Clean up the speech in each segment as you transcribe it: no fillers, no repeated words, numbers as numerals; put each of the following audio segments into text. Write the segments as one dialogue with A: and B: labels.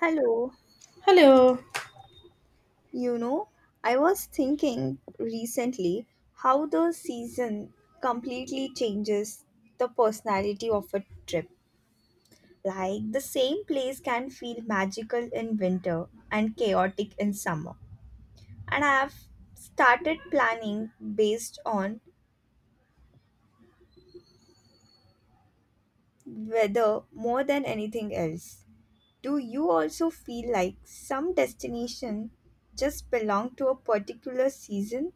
A: Hello,
B: Hello.
A: you know, I was thinking recently how the season completely changes the personality of a trip. Like the same place can feel magical in winter and chaotic in summer. And I've started planning based on weather more than anything else. Do you also feel like some destination just belong to a particular season?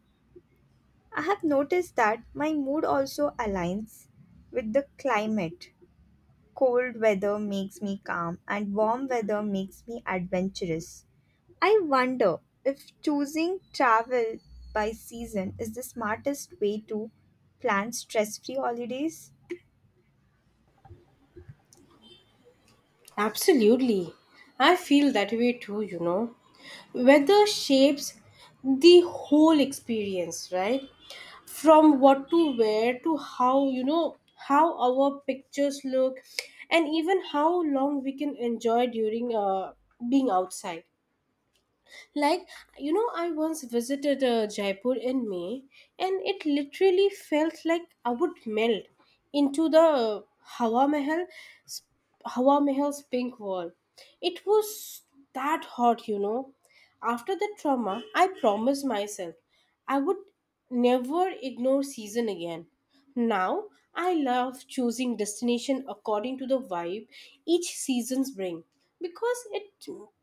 A: I have noticed that my mood also aligns with the climate. Cold weather makes me calm, and warm weather makes me adventurous. I wonder if choosing travel by season is the smartest way to plan stress free holidays.
B: Absolutely. I feel that way too, you know. Weather shapes the whole experience, right? From what to wear to how, how our pictures look and even how long we can enjoy during being outside. Like, I once visited Jaipur in May, and it literally felt like I would melt into the Hawa Mehal's pink wall. It was that hot, you know. After the trauma, I promised myself I would never ignore season again. Now, I love choosing destination according to the vibe each seasons bring because it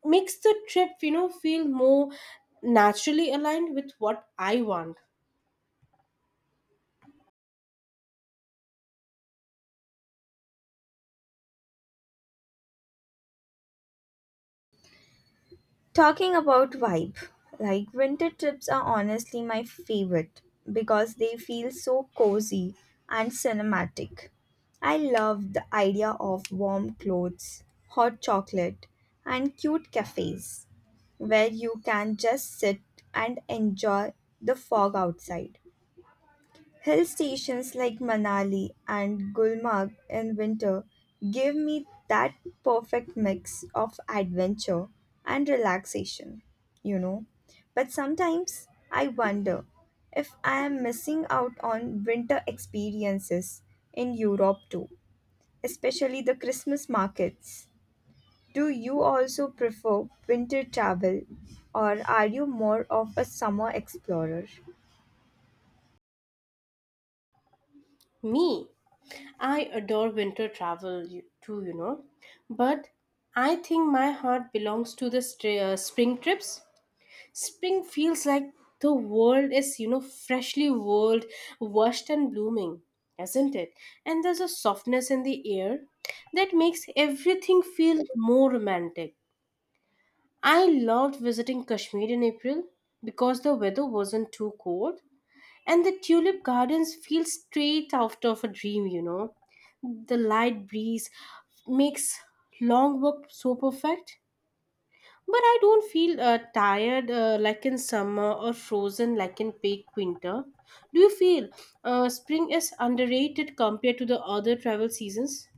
B: makes the trip, feel more naturally aligned with what I want.
A: Talking about vibe, like winter trips are honestly my favorite because they feel so cozy and cinematic. I love the idea of warm clothes, hot chocolate, and cute cafes where you can just sit and enjoy the fog outside. Hill stations like Manali and Gulmarg in winter give me that perfect mix of adventure and relaxation, you know. But sometimes I wonder if I am missing out on winter experiences in Europe too, especially the Christmas markets. Do you also prefer winter travel or are you more of a summer explorer?
B: Me. I adore winter travel too, you know, but I think my heart belongs to the spring trips. Spring feels like the world is, washed, and blooming, isn't it? And there's a softness in the air that makes everything feel more romantic. I loved visiting Kashmir in April because the weather wasn't too cold and the tulip gardens feel straight out of a dream, you know. The light breeze makes long walk so perfect. But I don't feel tired like in summer or frozen like in peak winter. Do you feel spring is underrated compared to the other travel seasons?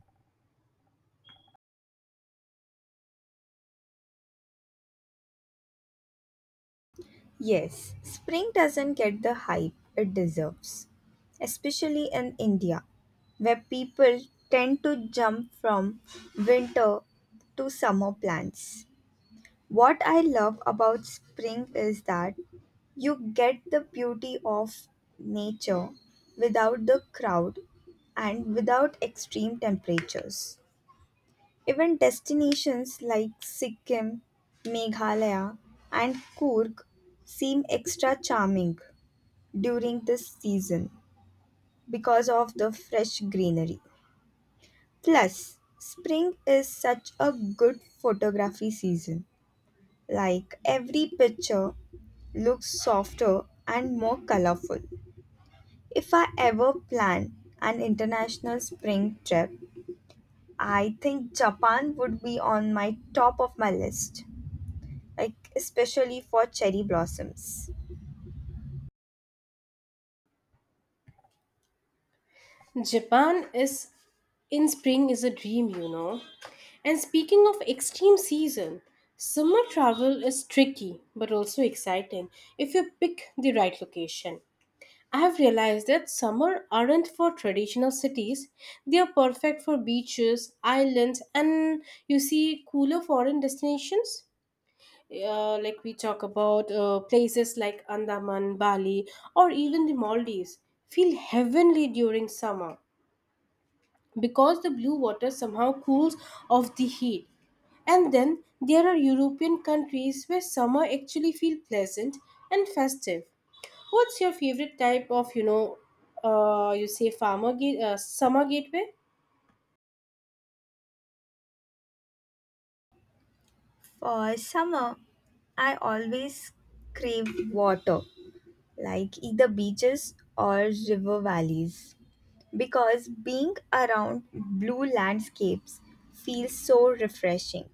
A: Yes, spring doesn't get the hype it deserves, especially in India, where people tend to jump from winter to summer plans. What I love about spring is that you get the beauty of nature without the crowd and without extreme temperatures. Even destinations like Sikkim, Meghalaya, and Kurk seem extra charming during this season because of the fresh greenery. Plus, spring is such a good photography season. Like every picture looks softer and more colorful. If I ever plan an international spring trip, I think Japan would be on my top of my list, like especially for cherry blossoms.
B: Japan is in spring is a dream, you know. And speaking of extreme season, summer travel is tricky but also exciting if you pick the right location. I have realized that summer aren't for traditional cities. They are perfect for beaches, islands, and you see cooler foreign destinations. Like we talk about places like Andaman, Bali, or even the Maldives, feel heavenly during summer because the blue water somehow cools off the heat. And then there are European countries where summer actually feels pleasant and festive. What's your favorite type of, you say summer gateway?
A: For summer, I always crave water, like either beaches or river valleys, because being around blue landscapes feels so refreshing.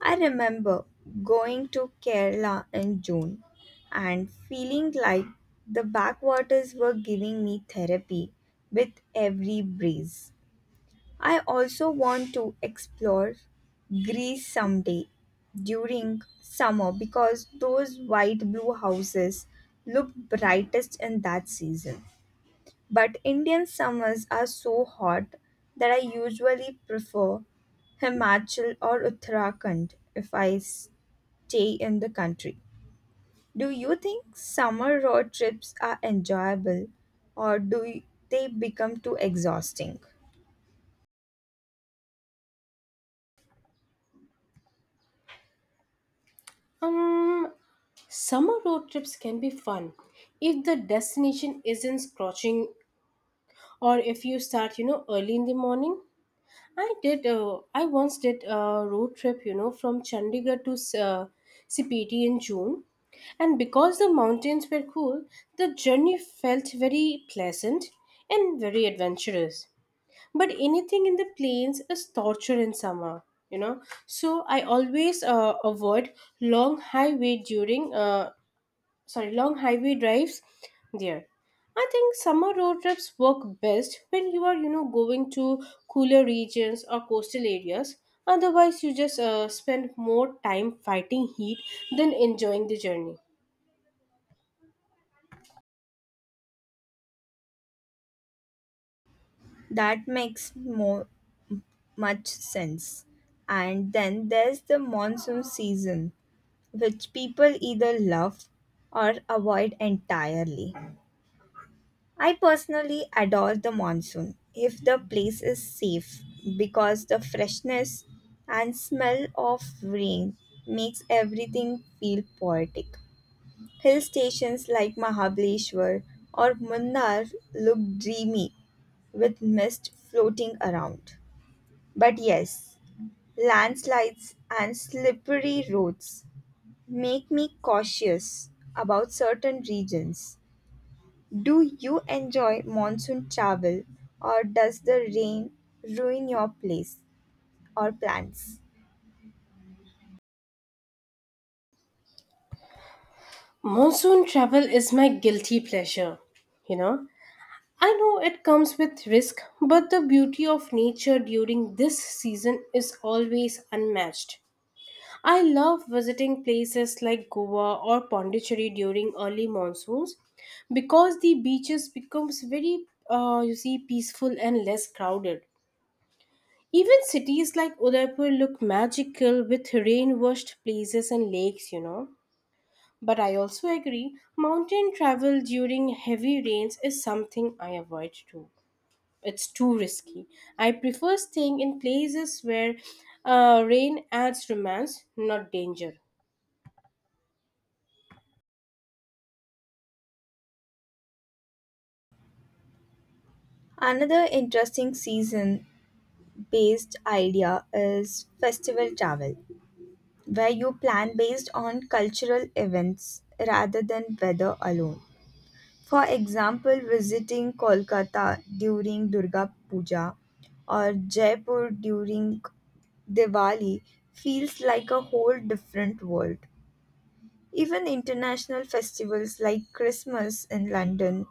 A: I remember going to Kerala in June and feeling like the backwaters were giving me therapy with every breeze. I also want to explore Greece someday during summer because those white blue houses look brightest in that season. But Indian summers are so hot that I usually prefer Himachal or Uttarakhand if I stay in the country. Do you think summer road trips are enjoyable or do they become too exhausting?
B: Um, Summer road trips can be fun if the destination isn't scorching or if you start, early in the morning. I once did a road trip, from Chandigarh to Sipiti in June, and because the mountains were cool, the journey felt very pleasant and very adventurous. But anything in the plains is torture in summer, you know. So I always avoid long highway during uh, long highway drives there. I think summer road trips work best when you are, going to cooler regions or coastal areas. Otherwise you just spend more time fighting heat than enjoying the journey.
A: That makes more much sense. And then there's the monsoon season, which people either love or avoid entirely. I personally adore the monsoon if the place is safe because the freshness and smell of rain makes everything feel poetic. Hill stations like Mahabaleshwar or Munnar look dreamy with mist floating around. But yes, landslides and slippery roads make me cautious about certain regions. Do you enjoy monsoon travel or does the rain ruin your place or plans?
B: Monsoon travel is my guilty pleasure, you know. I know it comes with risk, but the beauty of nature during this season is always unmatched. I love visiting places like Goa or Pondicherry during early monsoons because the beaches becomes very you see peaceful and less crowded. Even cities like Udaipur look magical with rain-washed places and lakes, you know. But I also agree, mountain travel during heavy rains is something I avoid too. It's too risky. I prefer staying in places where rain adds romance, not danger.
A: Another interesting season based idea is festival travel, where you plan based on cultural events rather than weather alone. For example, visiting Kolkata during Durga Puja or Jaipur during Diwali feels like a whole different world. Even international festivals like Christmas in London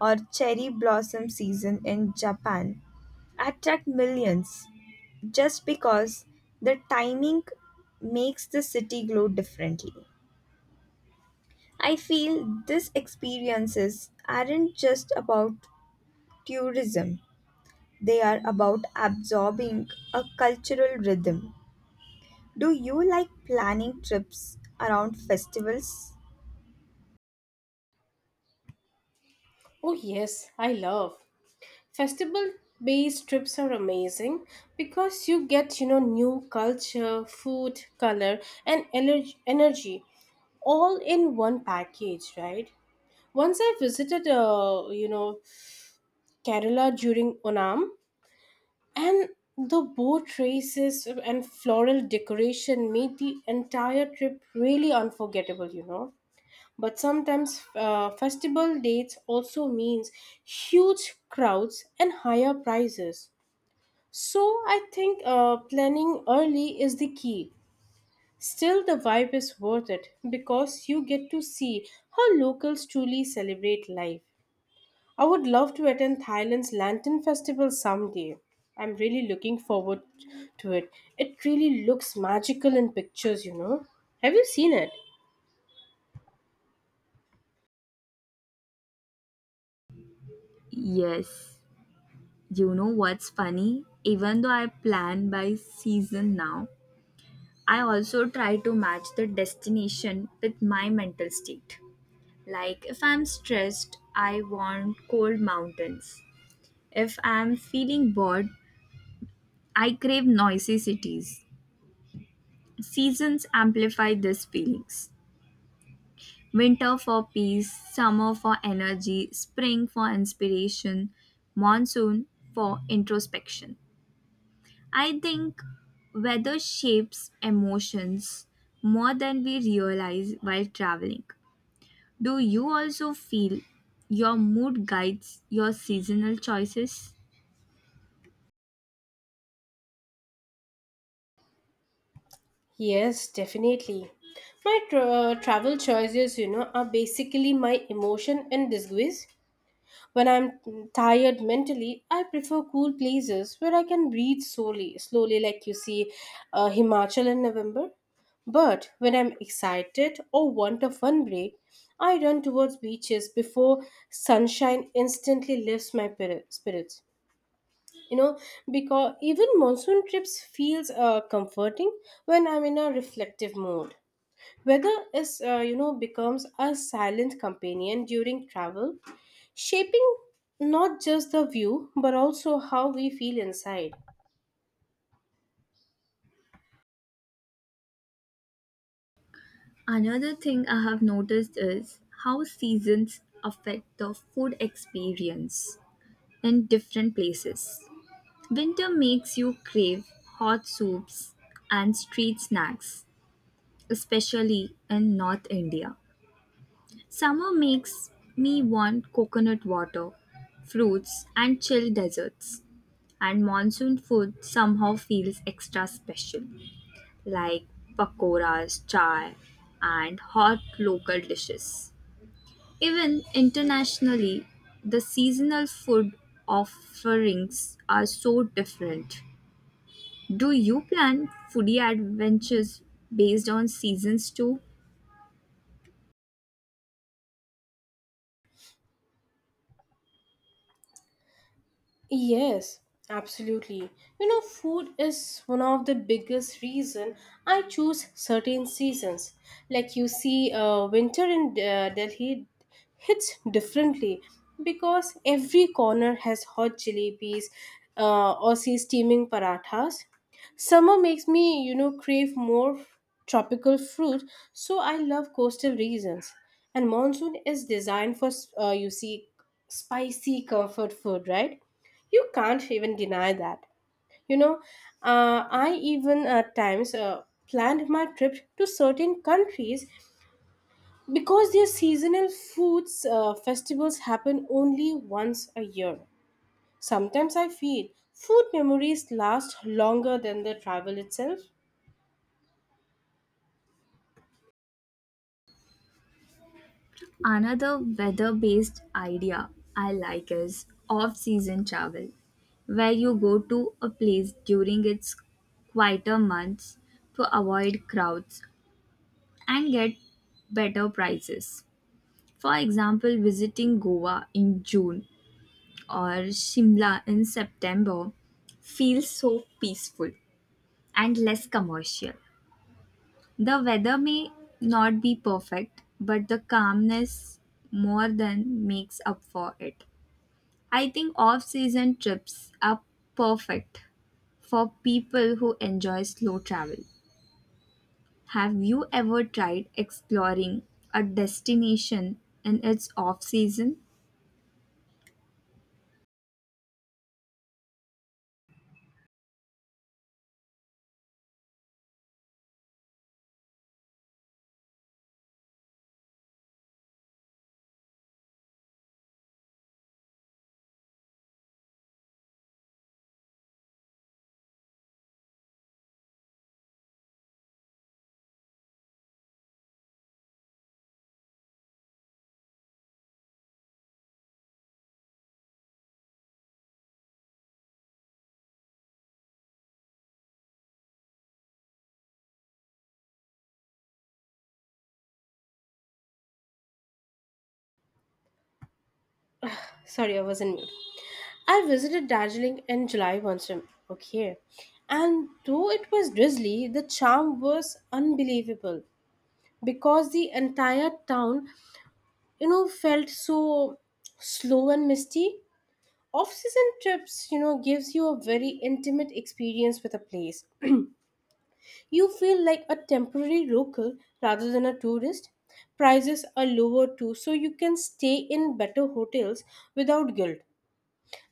A: or cherry blossom season in Japan attract millions just because the timing makes the city glow differently. I feel these experiences aren't just about tourism. They are about absorbing a cultural rhythm. Do you like planning trips around festivals?
B: Oh, yes, I love. Festival based trips are amazing because you get, new culture, food, color, and energy all in one package, right? Once I visited, Kerala during Onam, and the boat races and floral decoration made the entire trip really unforgettable, you know. But sometimes festival dates also means huge crowds and higher prices, so I think planning early is the key. Still the vibe is worth it because you get to see how locals truly celebrate life. I would love to attend Thailand's lantern festival someday. I'm really looking forward to it. It really looks magical in pictures, you know. Have you seen it?
A: Yes. You know what's funny? Even though I plan by season now, I also try to match the destination with my mental state. Like if I'm stressed, I want cold mountains. If I'm feeling bored, I crave noisy cities. Seasons amplify these feelings. Winter for peace, summer for energy, spring for inspiration, monsoon for introspection. I think weather shapes emotions more than we realize while traveling. Do you also feel your mood guides your seasonal choices?
B: Yes, definitely. My travel choices, are basically my emotion and disguise. When I'm tired mentally, I prefer cool places where I can breathe slowly, slowly, like you see Himachal in November. But when I'm excited or want a fun break, I run towards beaches before sunshine instantly lifts my spirits, you know. Because even monsoon trips feels comforting when I'm in a reflective mood. Weather is, becomes a silent companion during travel, shaping not just the view but also how we feel inside.
A: Another thing I have noticed is how seasons affect the food experience in different places. Winter makes you crave hot soups and street snacks, especially in North India. Summer makes me want coconut water, fruits, and chill desserts. And monsoon food somehow feels extra special, like pakoras, chai, and hot local dishes. Even internationally, the seasonal food offerings are so different. Do you plan foodie adventures based on seasons too?
B: Yes, absolutely. You know, food is one of the biggest reason I choose certain seasons. Like you see, winter in Delhi hits differently because every corner has hot jalebis, or see steaming parathas. Summer makes me, crave more tropical fruit, so I love coastal regions. And monsoon is designed for, you see, spicy comfort food, right? You can't even deny that. You know, I even at times planned my trip to certain countries because their seasonal foods festivals happen only once a year. Sometimes I feel food memories last longer than the travel itself.
A: Another weather based idea I like is off season travel, where you go to a place during its quieter months to avoid crowds and get better prices. For example, visiting Goa in June or Shimla in September feels so peaceful and less commercial. The weather may not be perfect, but the calmness more than makes up for it. I think off season trips are perfect for people who enjoy slow travel. Have you ever tried exploring a destination in its off season?
B: Sorry, I was in mute. I visited Darjeeling in July once. Okay. And though it was drizzly, the charm was unbelievable because the entire town, you know, felt so slow and misty. Off season trips, you know, gives you a very intimate experience with a place. You feel like a temporary local rather than a tourist. Prices are lower too, so you can stay in better hotels without guilt.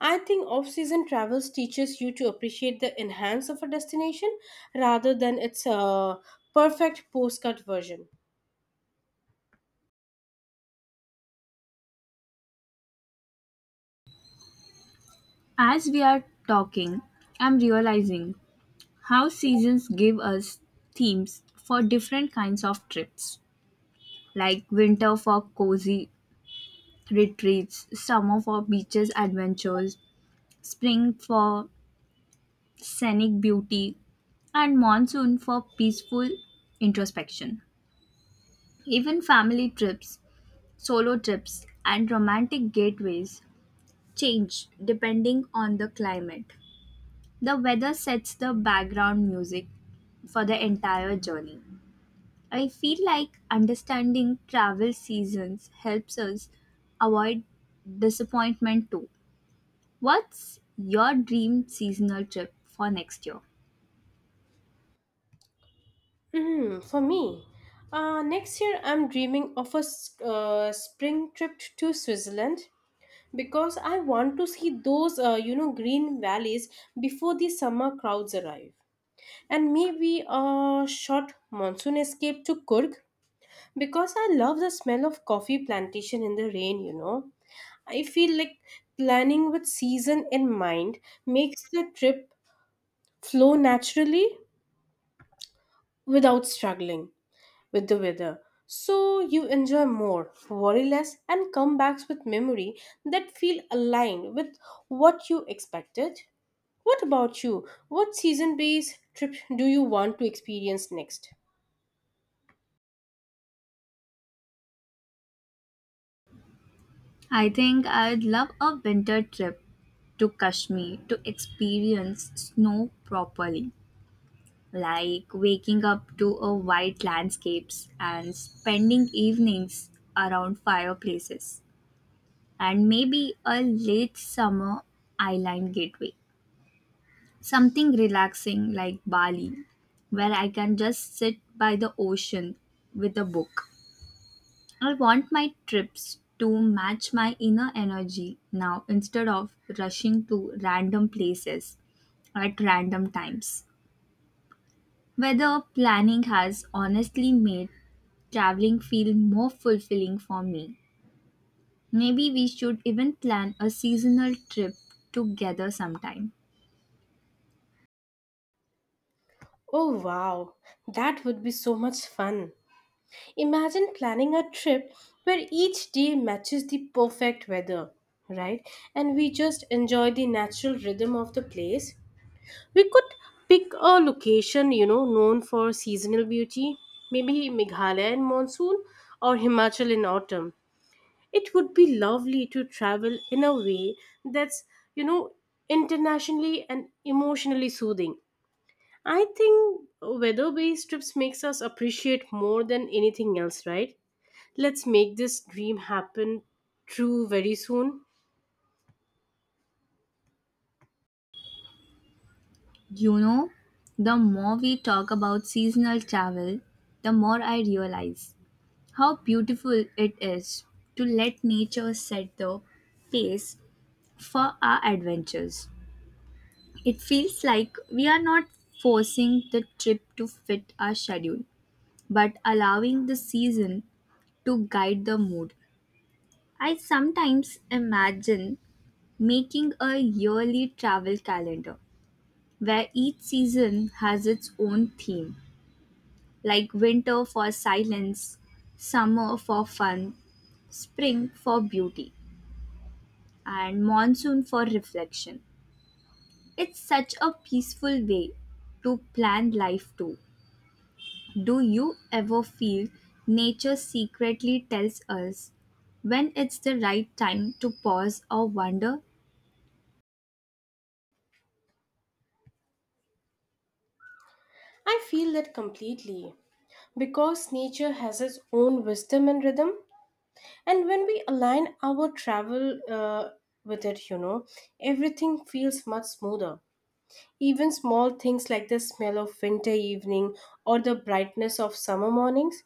B: I think off season travels teaches you to appreciate the enhance of a destination rather than its perfect postcard version.
A: As we are talking, I'm realizing how seasons give us themes for different kinds of trips, like winter for cozy retreats, summer for beaches adventures, spring for scenic beauty, and monsoon for peaceful introspection. Even family trips, solo trips, and romantic gateways change depending on the climate. The weather sets the background music for the entire journey. I feel like understanding travel seasons helps us avoid disappointment too. What's your dream seasonal trip for next year?
B: Mm, for me, next year I'm dreaming of a spring trip to Switzerland because I want to see those, green valleys before the summer crowds arrive. And maybe a short monsoon escape to Kurg because I love the smell of coffee plantation in the rain, you know. I feel like planning with season in mind makes the trip flow naturally without struggling with the weather. So you enjoy more, worry less, and come back with memory that feel aligned with what you expected. What about you? What season based trip do you want to experience next?
A: I think I'd love a winter trip to Kashmir to experience snow properly, like waking up to a white landscapes and spending evenings around fireplaces, and maybe a late summer island gateway. Something relaxing like Bali where I can just sit by the ocean with a book. I want my trips to match my inner energy now instead of rushing to random places at random times. Weather planning has honestly made traveling feel more fulfilling for me. Maybe we should even plan a seasonal trip together sometime.
B: Oh wow, that would be so much fun. Imagine planning a trip where each day matches the perfect weather, right? And we just enjoy the natural rhythm of the place. We could pick a location, known for seasonal beauty, maybe Meghalaya in monsoon or Himachal in autumn. It would be lovely to travel in a way that's, you know, internationally and emotionally soothing. I think weather-based trips makes us appreciate more than anything else, right? Let's make this dream happen true very soon.
A: You know, the more we talk about seasonal travel, the more I realize how beautiful it is to let nature set the pace for our adventures. It feels like we are not forcing the trip to fit our schedule, but allowing the season to guide the mood. I sometimes imagine making a yearly travel calendar where each season has its own theme, like winter for silence, summer for fun, spring for beauty, and monsoon for reflection. It's such a peaceful way to plan life too. Do you ever feel nature secretly tells us when it's the right time to pause or wonder?
B: I feel that completely because nature has its own wisdom and rhythm. And when we align our travel, with it, you know, everything feels much smoother. Even small things like the smell of winter evening or the brightness of summer mornings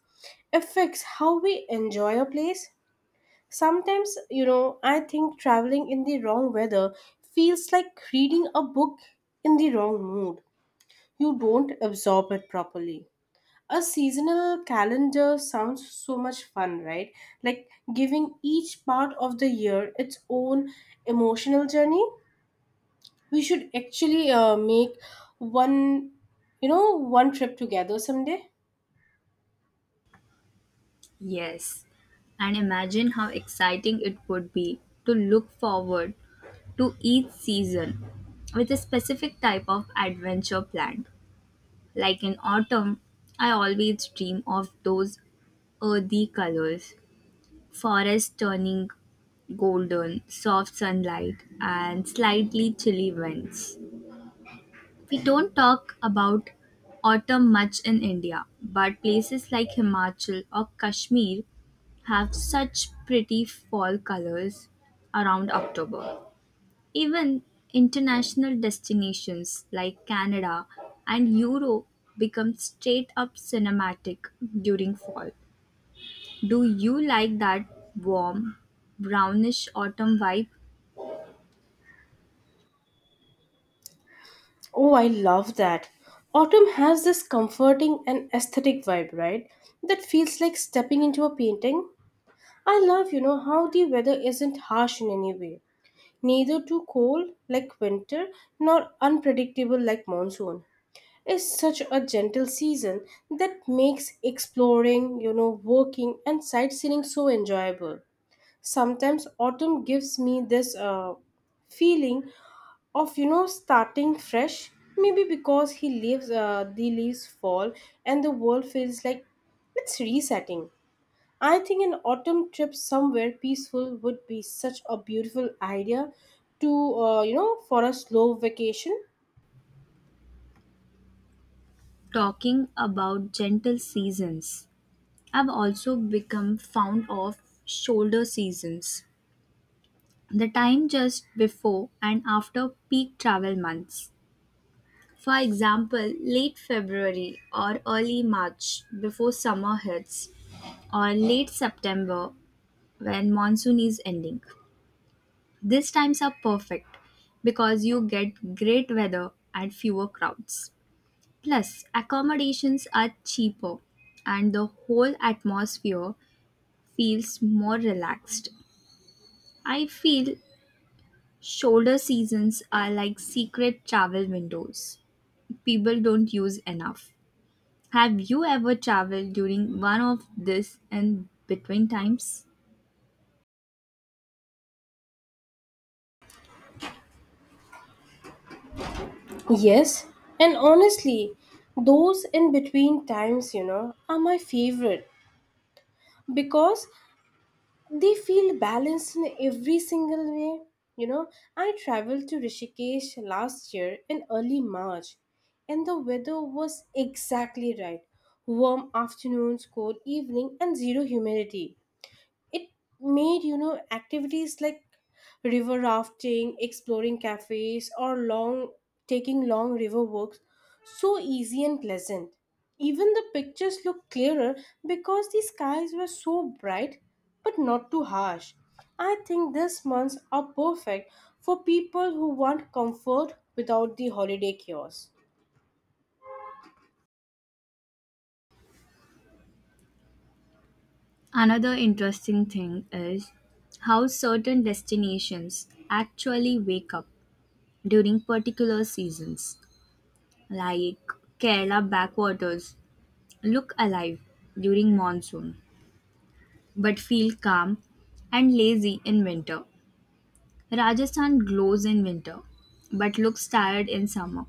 B: affects how we enjoy a place. Sometimes, you know, I think traveling in the wrong weather feels like reading a book in the wrong mood. You don't absorb it properly. A seasonal calendar sounds so much fun, right? Like giving each part of the year its own emotional journey. We should actually make one, one trip together someday.
A: Yes. And imagine how exciting it would be to look forward to each season with a specific type of adventure planned. Like in autumn, I always dream of those earthy colors, forest turning golden, soft sunlight, and slightly chilly winds. We don't talk about autumn much in India, but places like Himachal or Kashmir have such pretty fall colors around October. Even international destinations like Canada and Europe become straight up cinematic during fall. Do you like that warm, brownish autumn vibe?
B: Oh, I love that. Autumn has this comforting and aesthetic vibe, right? That feels like stepping into a painting. I love, how the weather isn't harsh in any way, neither too cold like winter nor unpredictable like monsoon. Is such a gentle season that makes exploring, working and sightseeing so enjoyable. Sometimes autumn gives me this feeling of, starting fresh. Maybe because the leaves fall, and the world feels like it's resetting. I think an autumn trip somewhere peaceful would be such a beautiful idea to, for a slow vacation.
A: Talking about gentle seasons, I've also become fond of shoulder seasons, the time just before and after peak travel months. For example, late February or early March before summer hits, or late September when monsoon is ending. These times are perfect because you get great weather and fewer crowds. Plus, accommodations are cheaper and the whole atmosphere feels more relaxed. I feel shoulder seasons are like secret travel windows people don't use enough. Have you ever traveled during one of this and between times?
B: Yes, and honestly, those in between times, are my favorite because they feel balanced in every single way. You know, I traveled to Rishikesh last year in early March, and the weather was exactly right. Warm afternoons, cold evening, and zero humidity. It made, activities like river rafting, exploring cafes, or long taking long river walks so easy and pleasant. Even the pictures looked clearer because the skies were so bright but not too harsh. I think these months are perfect for people who want comfort without the holiday chaos.
A: Another interesting thing is how certain destinations actually wake up during particular seasons, like Kerala backwaters look alive during monsoon, but feel calm and lazy in winter. Rajasthan glows in winter, but looks tired in summer.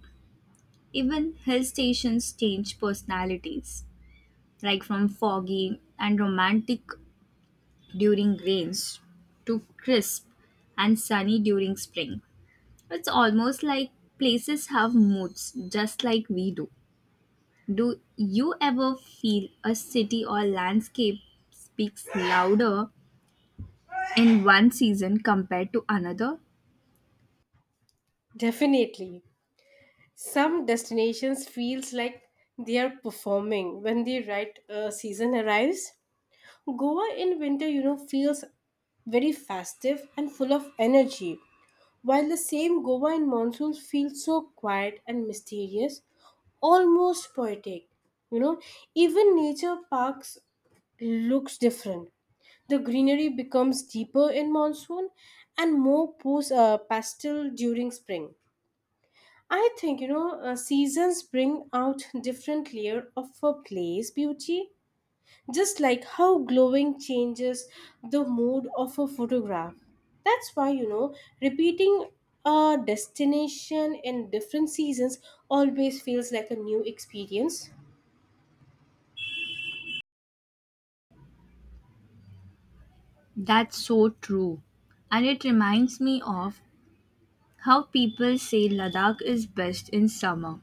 A: Even hill stations change personalities, like from foggy and romantic during rains to crisp and sunny during spring. It's almost like places have moods just like we do. Do you ever feel a city or landscape speaks louder in one season compared to another?
B: Definitely. Some destinations feels like they are performing when the right season arrives. Goa in winter, you know, feels very festive and full of energy, while the same Goa in monsoons feels so quiet and mysterious, almost poetic. You know, even nature parks looks different. The greenery becomes deeper in monsoon and more pastel during spring. I think, seasons bring out different layer of a place beauty, just like how glowing changes the mood of a photograph. That's why, repeating a destination in different seasons always feels like a new experience.
A: That's so true. And it reminds me of how people say Ladakh is best in summer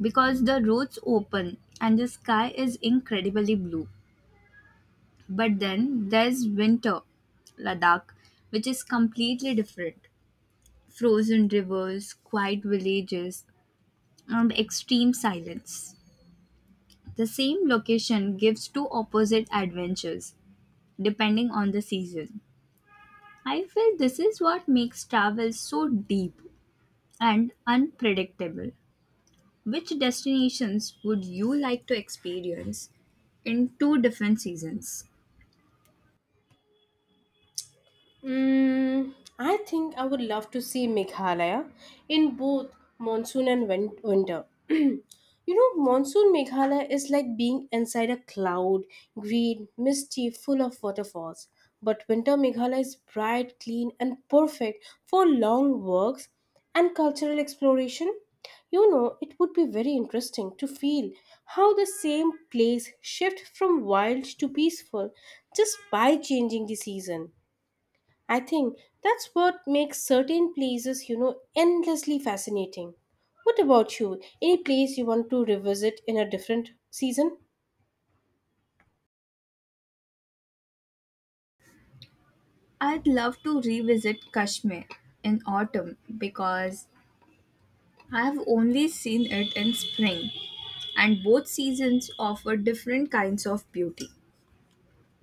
A: because the roads open and the sky is incredibly blue. But then there's winter Ladakh, which is completely different, frozen rivers, quiet villages, and extreme silence. The same location gives two opposite adventures depending on the season. I feel this is what makes travel so deep and unpredictable. Which destinations would you like to experience in two different seasons?
B: Mm, I think I would love to see Meghalaya in both monsoon and winter. You know, monsoon Meghalaya is like being inside a cloud, green, misty, full of waterfalls. But winter Meghalaya is bright, clean, and perfect for long walks and cultural exploration. You know, it would be very interesting to feel how the same place shift from wild to peaceful just by changing the season. I think that's what makes certain places, endlessly fascinating. What about you? Any place you want to revisit in a different season?
A: I'd love to revisit Kashmir in autumn because I've only seen it in spring, and both seasons offer different kinds of beauty.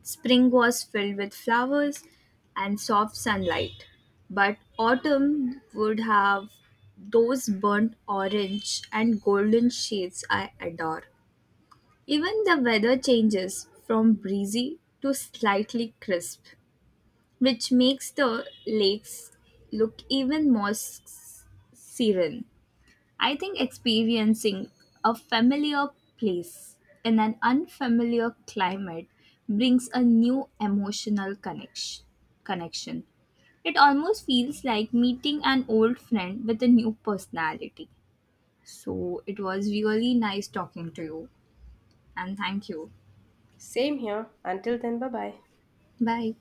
A: Spring was filled with flowers and soft sunlight, but autumn would have those burnt orange and golden shades I adore. Even the weather changes from breezy to slightly crisp, which makes the lakes look even more serene. I think experiencing a familiar place in an unfamiliar climate brings a new emotional connection. It almost feels like meeting an old friend with a new personality. So it was really nice talking to you and thank you.
B: Same here. Until then, bye bye.
A: Bye.